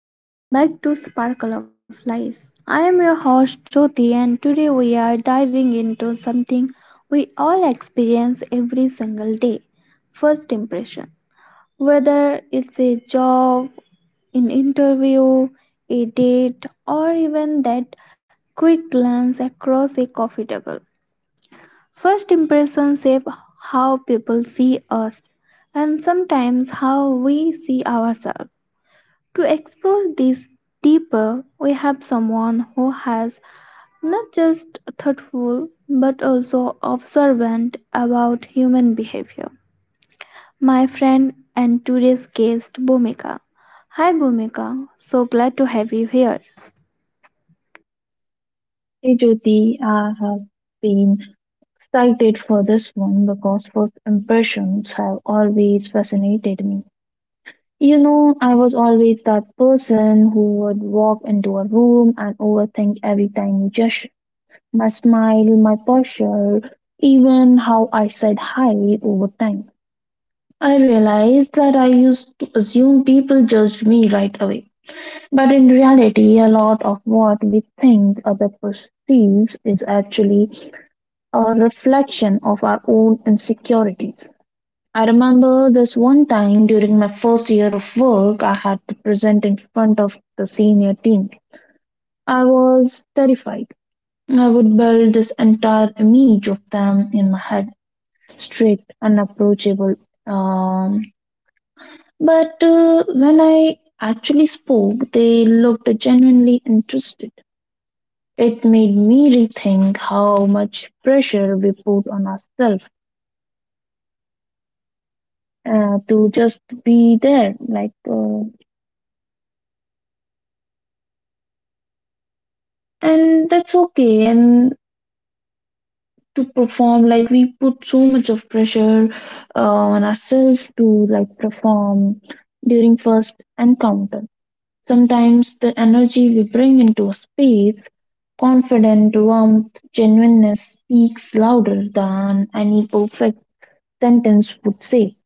Hello and welcome back to Sparkle of Life. I am your host Jyoti, and today we are diving into something we all experience every single day. First impression. Whether it's a job, an interview, a date, or even that quick glance across a coffee table. First impressions shape how people see us and sometimes how we see ourselves. To explore this deeper, we have someone who has not just thoughtful but also observant about human behavior. My friend and today's guest, Bhumika. Hi Bhumika, so glad to have you here. Hey Jyoti, I have been excited for this one because first impressions have always fascinated me. You know, I was always that person who would walk into a room and overthink every tiny gesture, my smile, my posture, even how I said hi over time. I realized that I used to assume people judged me right away. But in reality, a lot of what we think other perceives is actually a reflection of our own insecurities. I remember this one time during my first year of work, I had to present in front of the senior team. I was terrified. I would build this entire image of them in my head strict, unapproachable. Um, but When I actually spoke, they looked genuinely interested. It made me rethink how much pressure we put on ourselves to just be there like and that's okay, and to perform. Like, we put so much of pressure on ourselves to like perform during first encounter. Sometimes the energy we bring into a space, confident warmth, genuineness, speaks louder than any perfect sentence would say.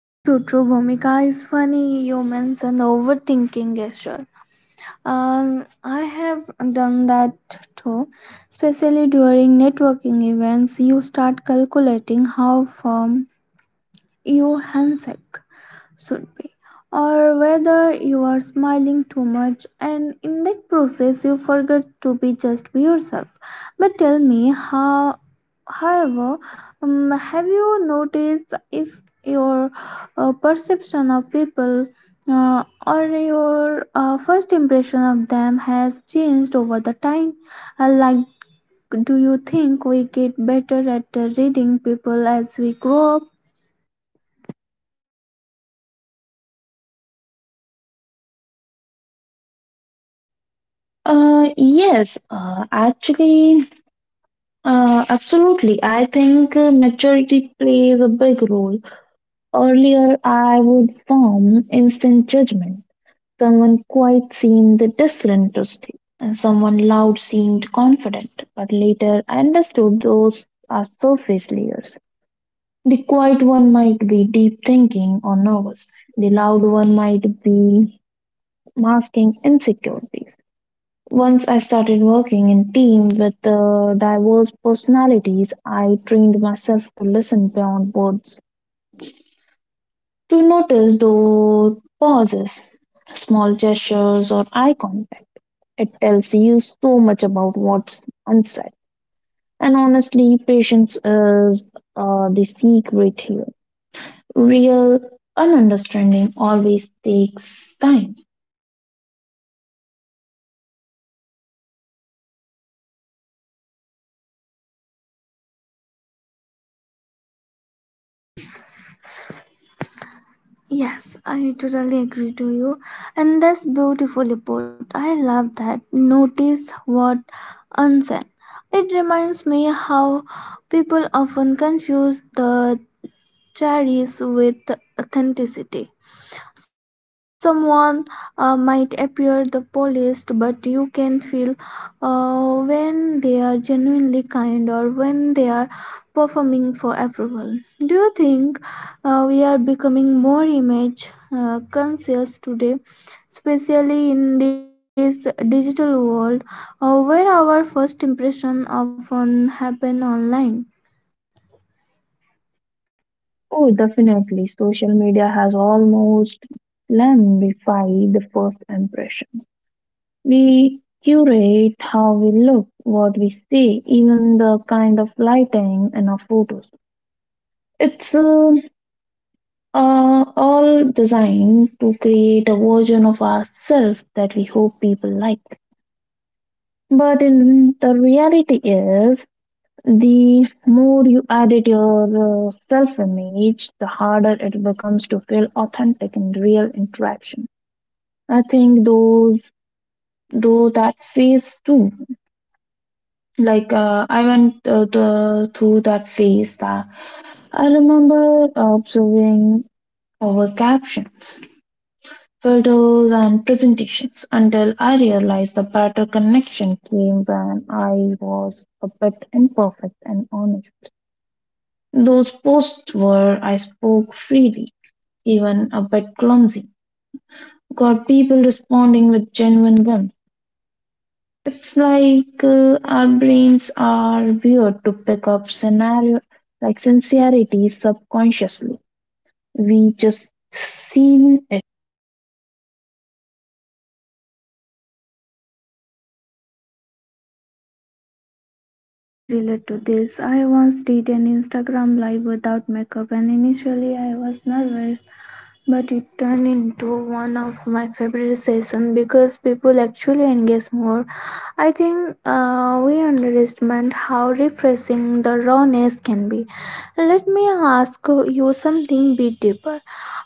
That's so true, Bhumika. It's funny you mentioned overthinking gesture. I have done that too, especially during networking events. You start calculating how firm your handshake should be, or whether you are smiling too much, and in that process, you forget to be just be yourself. But tell me, however, have you noticed if your perception of people or your first impression of them has changed over the time? Like, do you think we get better at reading people as we grow up? Yes, actually absolutely. I think maturity plays a big role. Earlier, I would form instant judgment. Someone quite seemed disinterested, and someone loud seemed confident. But later, I understood those are surface layers. The quiet one might be deep thinking or nervous. The loud one might be masking insecurities. Once I started working in team with diverse personalities, I trained myself to listen beyond words, to notice those pauses, small gestures, or eye contact. It tells you so much about what's unsaid. And honestly, patience is the secret here. Real understanding always takes time. Yes, I totally agree to you. And that's beautifully put. I love that. Notice what unseen. It reminds me how people often confuse the carries with authenticity. Someone might appear the polished, but you can feel when they are genuinely kind or when they are performing for approval. Do you think we are becoming more image conscious today, especially in this digital world where our first impression often happen online? Oh, definitely. Social media has almost glamorified the first impression. We curate how we look, what we see, even the kind of lighting in our photos. It's uh, all designed to create a version of ourselves that we hope people like. But in the reality is, the more you edit your self image, the harder it becomes to feel authentic in real interaction. I think those though that phase too. I went through that phase. That I remember observing over captions, filters, and presentations until I realized the better connection came when I was a bit imperfect and honest. Those posts where I spoke freely, even a bit clumsy, got people responding with genuine warmth. It's like our brains are weird to pick up scenario like sincerity subconsciously. We just seen it. I can completely relate to this. I once did an Instagram live without makeup and initially I was nervous, but it turned into one of my favorite sessions because people actually engage more. I think we underestimate how refreshing the rawness can be. Let me ask you something bit deeper.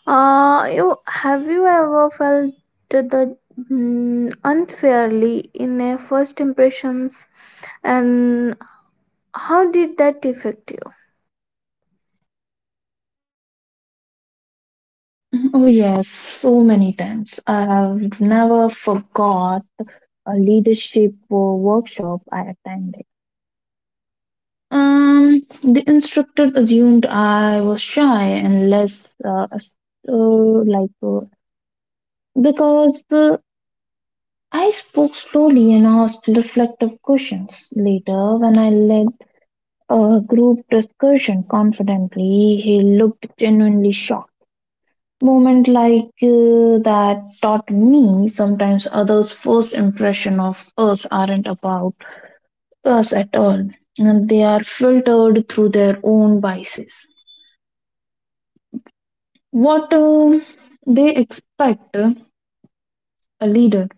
Have you ever felt the unfairly in a first impressions and how did that affect you? Oh yes, so many times. I've never forgot a leadership workshop I attended. The instructor assumed I was shy and less, as- like, because I spoke slowly and asked reflective questions. Later, when I led a group discussion confidently, he looked genuinely shocked. Moment like that taught me sometimes others' first impression of us aren't about us at all, and they are filtered through their own biases. What they expect a leader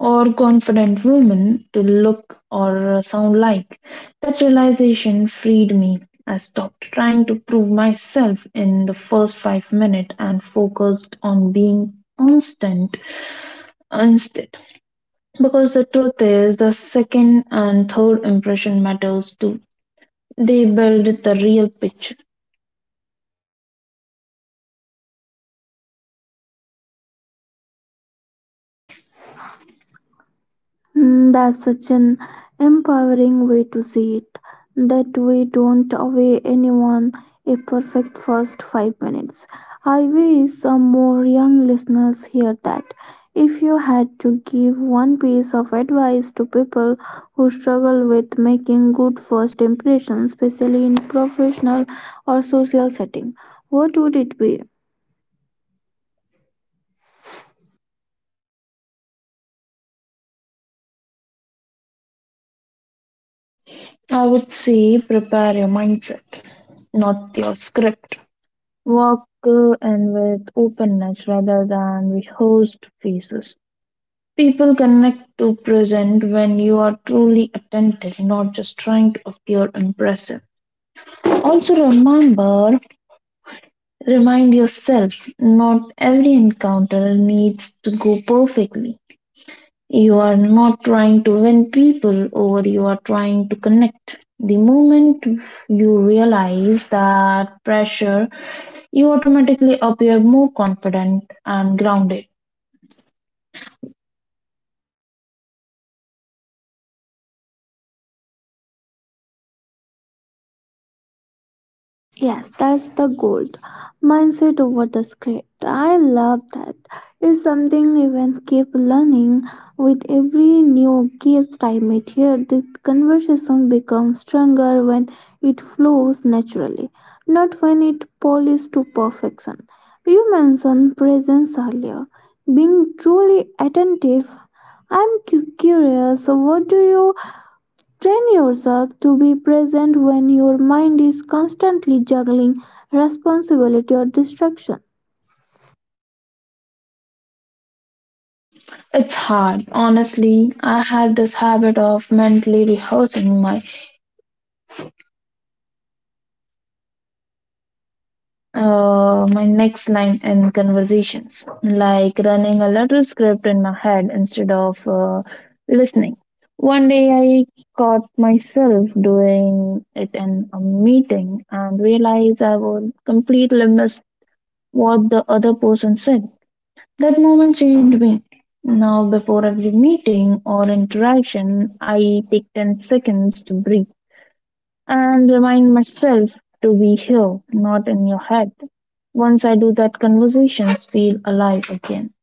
or confident woman to look or sound like. That realization freed me. I stopped trying to prove myself in the first five minutes and focused on being constant instead. Because the truth is, the second and third impression matters too. They build the real picture. Mm, that's such an empowering way to see it. That we don't away anyone a perfect first 5 minutes. I wish some more young listeners hear that. If you had to give one piece of advice to people who struggle with making good first impressions, especially in professional or social setting, what would it be? I would say prepare your mindset, not your script. Walk in with openness rather than rehearsed faces. People connect to present when you are truly attentive, not just trying to appear impressive. Also remember, remind yourself, not every encounter needs to go perfectly. You are not trying to win people over, you are trying to connect. The moment you realize that pressure, you automatically appear more confident and grounded. Yes, that's the gold. Mindset over the script. I love that. It's something even keep learning with every new guest I meet here. This conversation becomes stronger when it flows naturally, not when it polished to perfection. You mentioned presence earlier. Being truly attentive. I'm curious, what do you train yourself to be present when your mind is constantly juggling responsibility or distraction. It's hard. Honestly, I had this habit of mentally rehearsing my next line in conversations, like running a little script in my head instead of listening. One day I caught myself doing it in a meeting and realized I would completely miss what the other person said. That moment changed me. Now, before every meeting or interaction, I take 10 seconds to breathe and remind myself to be here, not in your head. Once I do that, conversations feel alive again.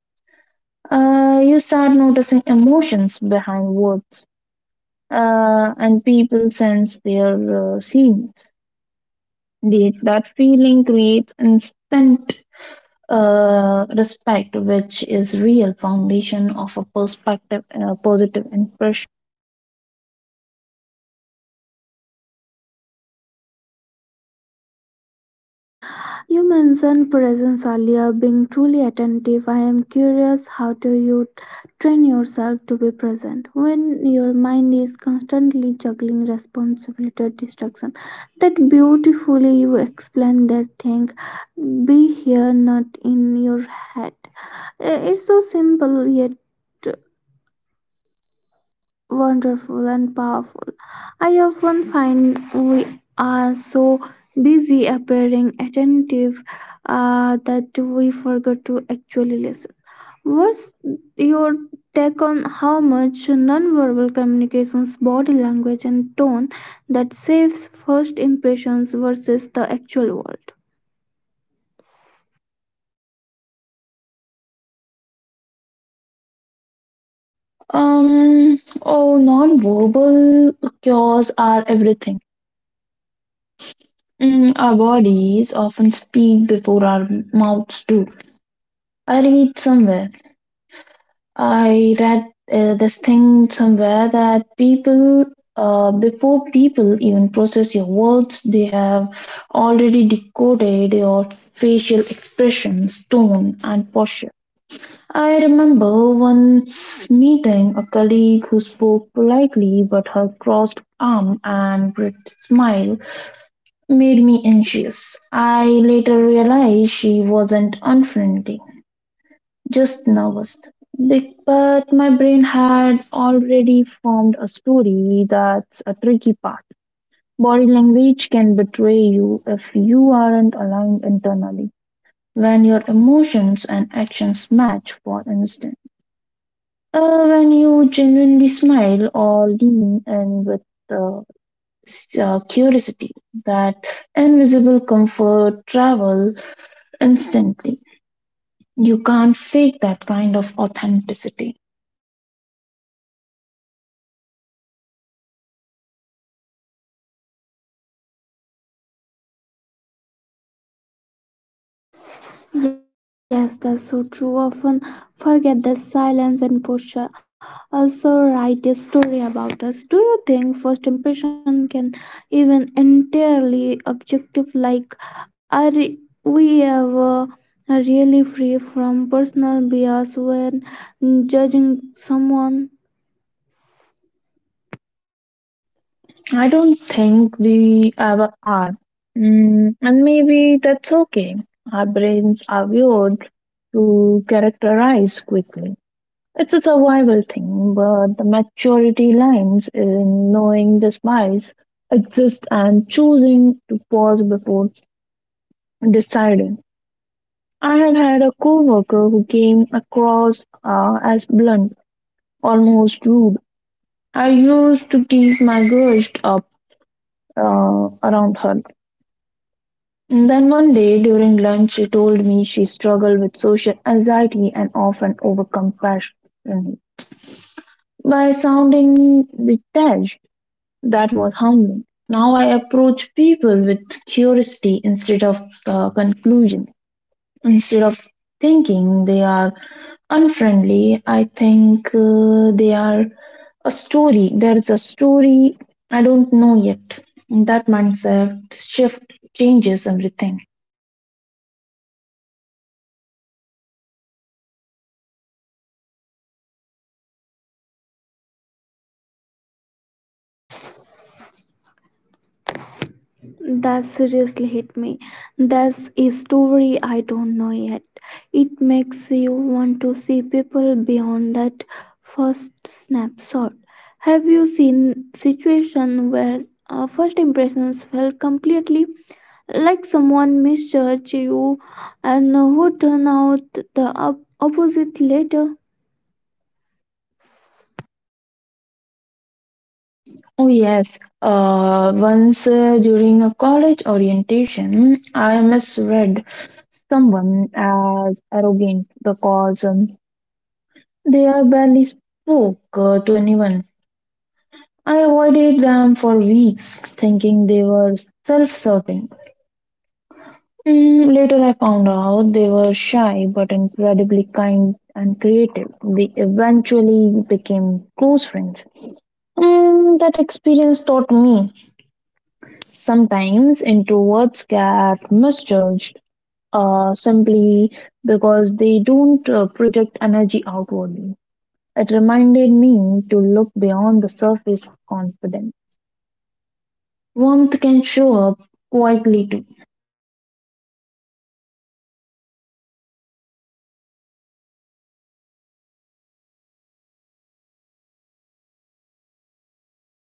You start noticing emotions behind words, and people sense their scenes. The, that feeling creates instant respect, which is real foundation of a perspective, positive impression. You mentioned presence earlier, being truly attentive. I am curious, how do you train yourself to be present when your mind is constantly juggling responsibility or distraction? That beautifully you explained that thing. Be here, not in your head. It's so simple yet wonderful and powerful. I often find we are so busy appearing attentive that we forget to actually listen. What's your take on how much nonverbal communications, body language, and tone that saves first impressions versus the actual world? Oh, non-verbal cures are everything. Our bodies often speak before our mouths do. I read somewhere, I read this thing somewhere that before people even process your words, they have already decoded your facial expressions, tone, and posture. I remember once meeting a colleague who spoke politely, but her crossed arm and bright smile made me anxious. I later realized she wasn't unfriendly, just nervous. But my brain had already formed a story. That's a tricky part. Body language can betray you if you aren't aligned internally. When your emotions and actions match, for instance, when you genuinely smile or lean in with uh, curiosity, that invisible comfort travel instantly. You can't fake that kind of authenticity. Yes, that's so true. Often forget the silence and posture. Also, write a story about us. Do you think first impression can even entirely objective? Like, are we ever really free from personal bias when judging someone? I don't think we ever are. And maybe that's okay. Our brains are wired to characterize quickly. It's a survival thing, but the maturity lies in knowing the spies exist and choosing to pause before deciding. I have had a coworker who came across as blunt, almost rude. I used to keep my grudge up around her. Then one day during lunch, she told me she struggled with social anxiety and often overcompassion by sounding detached. That was humbling. Now I approach people with curiosity instead of conclusion, instead of thinking they are unfriendly. I think they are a story. There is a story I don't know yet. That mindset shift changes everything. That seriously hit me. That's a story I don't know yet. It makes you want to see people beyond that first snapshot. Have you seen situation where first impressions felt completely like someone misjudged you and who turn out the opposite later? Oh, yes. Once during a college orientation, I misread someone as arrogant because they are barely spoke to anyone. I avoided them for weeks, thinking they were self certain. Later, I found out they were shy but incredibly kind and creative. We eventually became close friends. That experience taught me sometimes introverts get misjudged simply because they don't project energy outwardly. It reminded me to look beyond the surface confidence. Warmth can show up quietly too.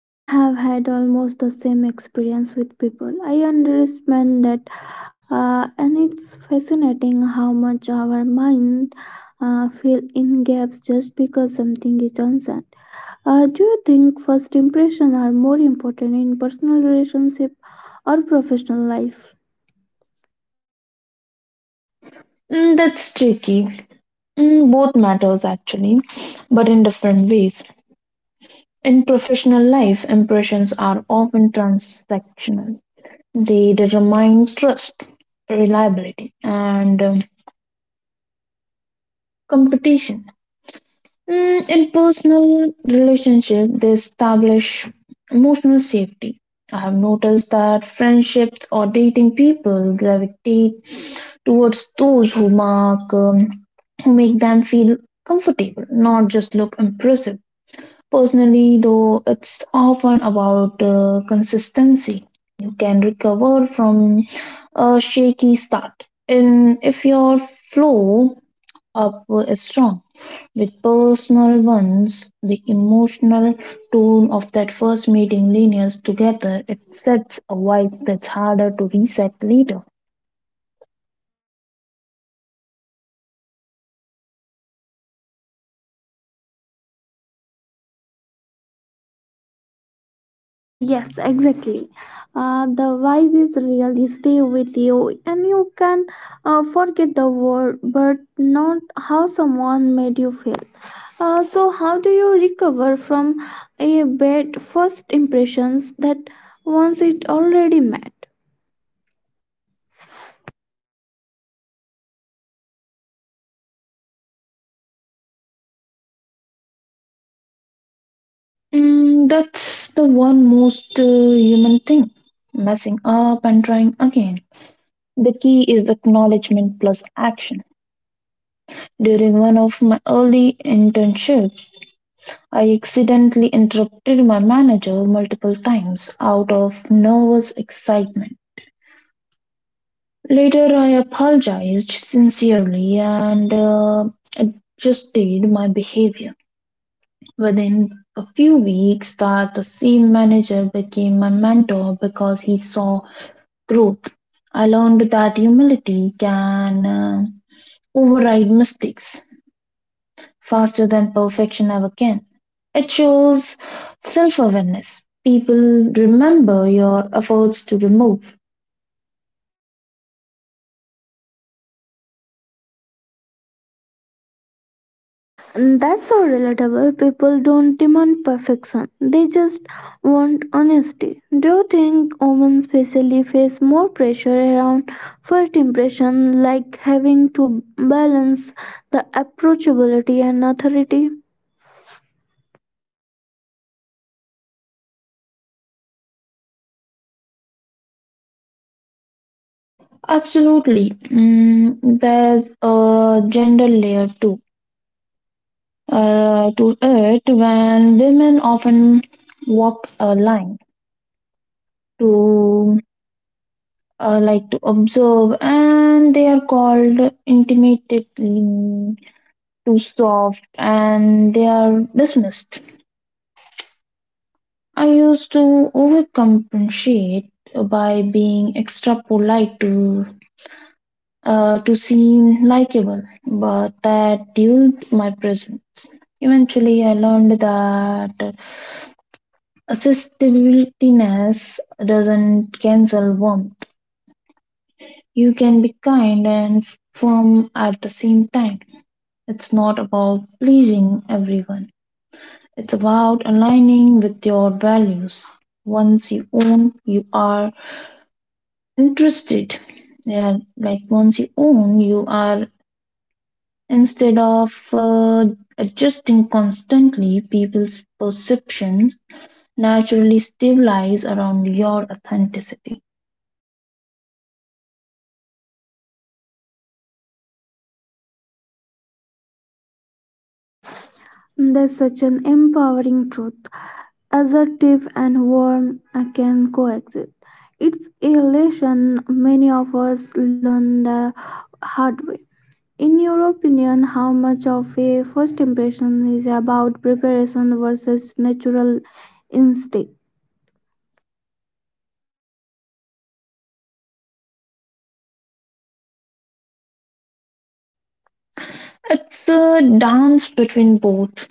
I have had almost the same experience with people. I understand that, and it's fascinating how much our mind fill in gaps just because something is unsent. Do you think first impressions are more important in personal relationship or professional life? That's tricky. Both matters actually, but in different ways. In professional life, impressions are often transactional. They determine trust, reliability, and competition. In personal relationship, they establish emotional safety. I have noticed that friendships or dating people gravitate towards those who mark who make them feel comfortable, not just look impressive. Personally, though, it's often about consistency. You can recover from a shaky start and if your flow up is strong. With personal ones, the emotional tone of that first meeting lingers together, it sets a vibe that's harder to reset later. Yes, exactly. The vibe is really stay with you, and you can forget the word, but not how someone made you feel. So, how do you recover from a bad first impressions that once it already met? That's the one most human thing, messing up and trying again. The key is acknowledgement plus action. During one of my early internships, I accidentally interrupted my manager multiple times out of nervous excitement. Later, I apologized sincerely and adjusted my behavior. Within a few weeks, that the same manager became my mentor because he saw growth. I learned that humility can override mistakes faster than perfection ever can. It shows self awareness. People remember your efforts to remove. And that's so relatable. People don't demand perfection; they just want honesty. Do you think women specially face more pressure around first impression, like having to balance the approachability and authority? Absolutely. There's a gender layer too to it when women often walk a line to like to observe and they are called intimately too soft and they are dismissed. I used to overcompensate by being extra polite to seem likable, but that dulled my presence. Eventually, I learned that accessibilityness doesn't cancel warmth. You can be kind and firm at the same time. It's not about pleasing everyone. It's about aligning with your values. Once you own you are interested. They are like once you own, you are instead of adjusting constantly, people's perceptions naturally stabilize around your authenticity. That's such an empowering truth. Assertive and warm can coexist. It's a lesson many of us learn the hard way. In your opinion, how much of a first impression is about preparation versus natural instinct? It's a dance between both.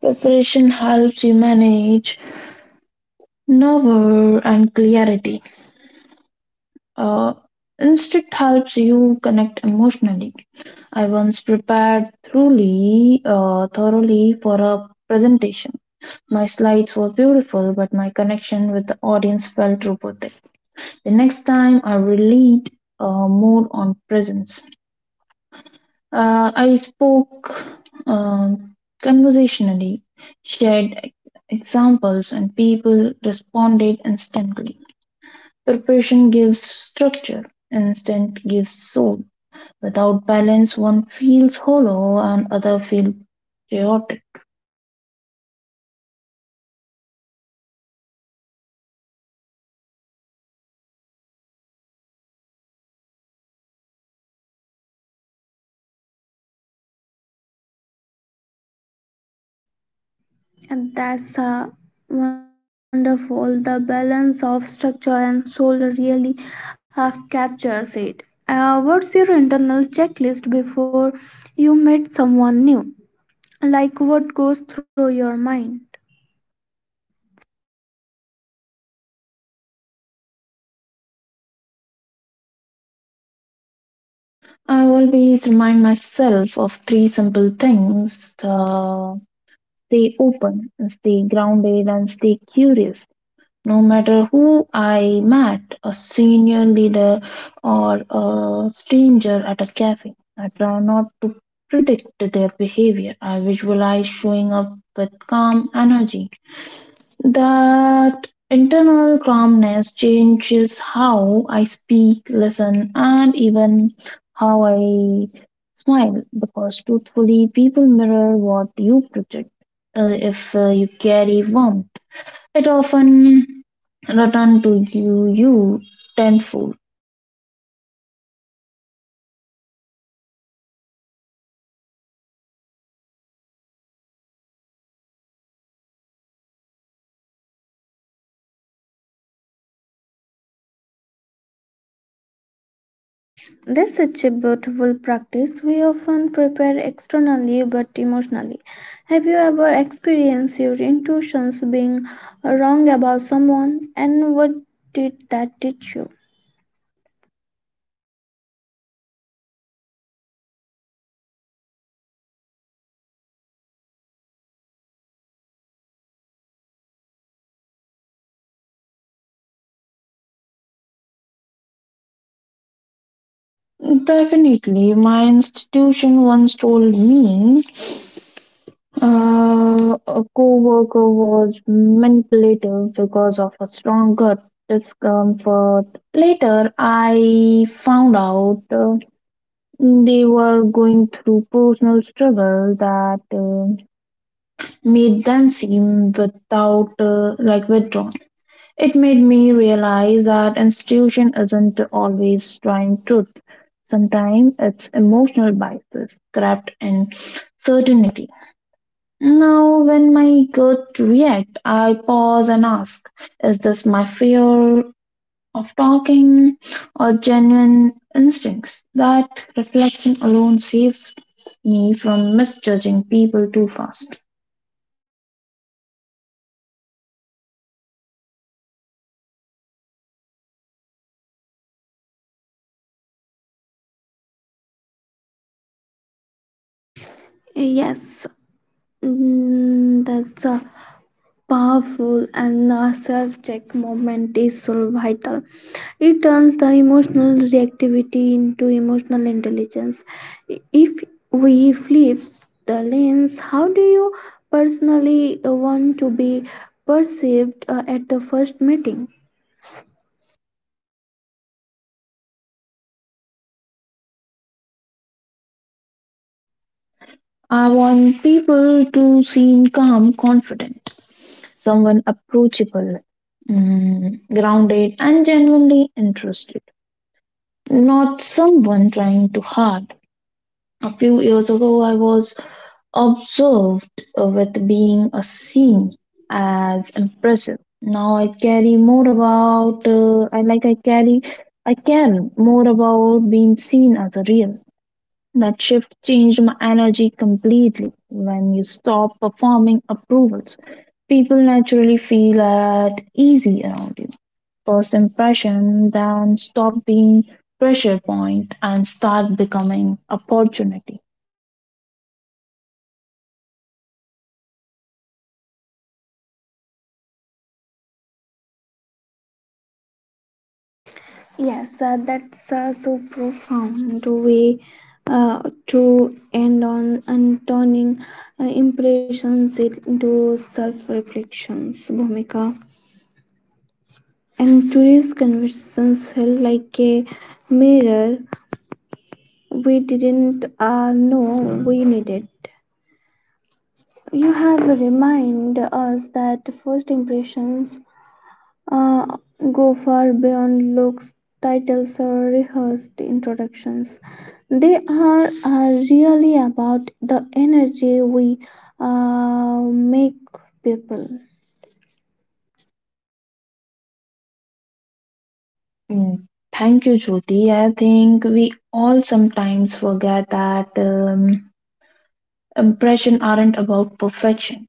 Preparation helps you manage nerve and clarity. Uh, Instinct helps you connect emotionally. I once prepared thoroughly for a presentation. My slides were beautiful, but my connection with the audience felt robotic. The next time I will lead more on presence. I spoke um conversationally, shared examples, and people responded instantly. Preparation gives structure, instant gives soul. Without balance, one feels hollow and other feel chaotic. And that's wonderful, the balance of structure and soul really captures it. What's your internal checklist before you meet someone new, like what goes through your mind? I always remind myself of three simple things: stay open, stay grounded, and stay curious. No matter who I met, a senior leader or a stranger at a cafe, I try not to predict their behavior. I visualize showing up with calm energy. That internal calmness changes how I speak, listen, and even how I smile, because truthfully, people mirror what you project. If you carry warmth, it often returns to you, tenfold. That's such a beautiful practice. We often prepare externally but emotionally. Have you ever experienced your intuitions being wrong about someone and what did that teach you? Definitely, my institution once told me a co-worker was manipulative because of a strong gut discomfort. Later, I found out they were going through personal struggle that made them seem without like withdrawn. It made me realize that institution isn't always trying truth. Sometimes it's emotional biases trapped in certainty. Now, when my gut react, I pause and ask, is this my fear of talking or genuine instincts? That reflection alone saves me from misjudging people too fast. Yes. Mm, that's a powerful and self check moment is so vital. It turns the emotional reactivity into emotional intelligence. If we flip the lens, how do you personally want to be perceived at the first meeting? I want people to seem calm, confident, someone approachable, grounded, and genuinely interested. Not someone trying too hard. A few years ago, I was observed with being a seen as impressive. Now I carry more about I like I carry I care more about being seen as a real. That shift changed my energy completely. When you stop performing approvals, people naturally feel at easy around you. First impression, then stop being pressure point and start becoming opportunity. Yes, that's so profound way uh, to end on, and turning impressions into self reflections, Bhumika. And today's conversations felt like a mirror we didn't know we needed. You have reminded us that first impressions uh, go far beyond looks, titles, or rehearsed introductions. They are really about the energy we make people. Mm. Thank you, Jyoti. I think we all sometimes forget that impression aren't about perfection.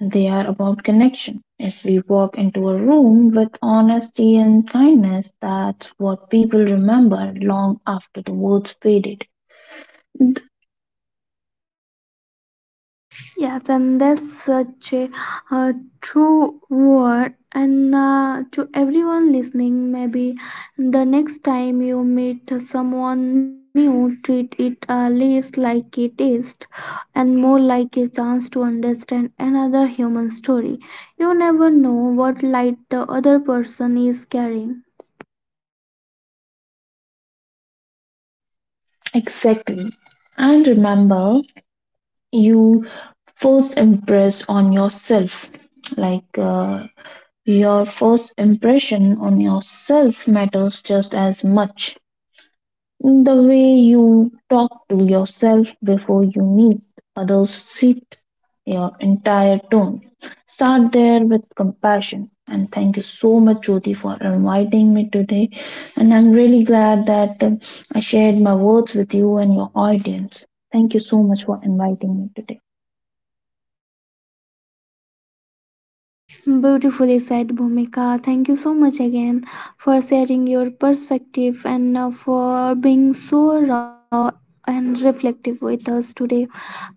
They are about connection. If we walk into a room with honesty and kindness, that's what people remember long after the words faded. Yes, and that's such a uh, true word. And to everyone listening, maybe the next time you meet someone new, treat it less like a test and more like a chance to understand another human story. You never know what light the other person is carrying. Exactly. And remember, you first impress on yourself. Like uh, Your first impression on yourself matters just as much. The way you talk to yourself before you meet others set your entire tone. Start there with compassion. And thank you so much, Jyoti, for inviting me today. And I'm really glad that I shared my words with you and your audience. Thank you so much for inviting me today. Beautifully said, Bhumika. Thank you so much again for sharing your perspective, and for being so raw and reflective with us today.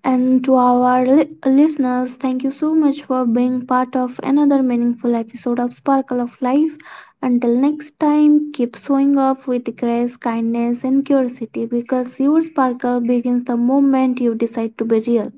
And to our listeners, thank you so much for being part of another meaningful episode of Sparkle of Life. Until next time, keep showing up with grace, kindness, and curiosity because your sparkle begins the moment you decide to be real.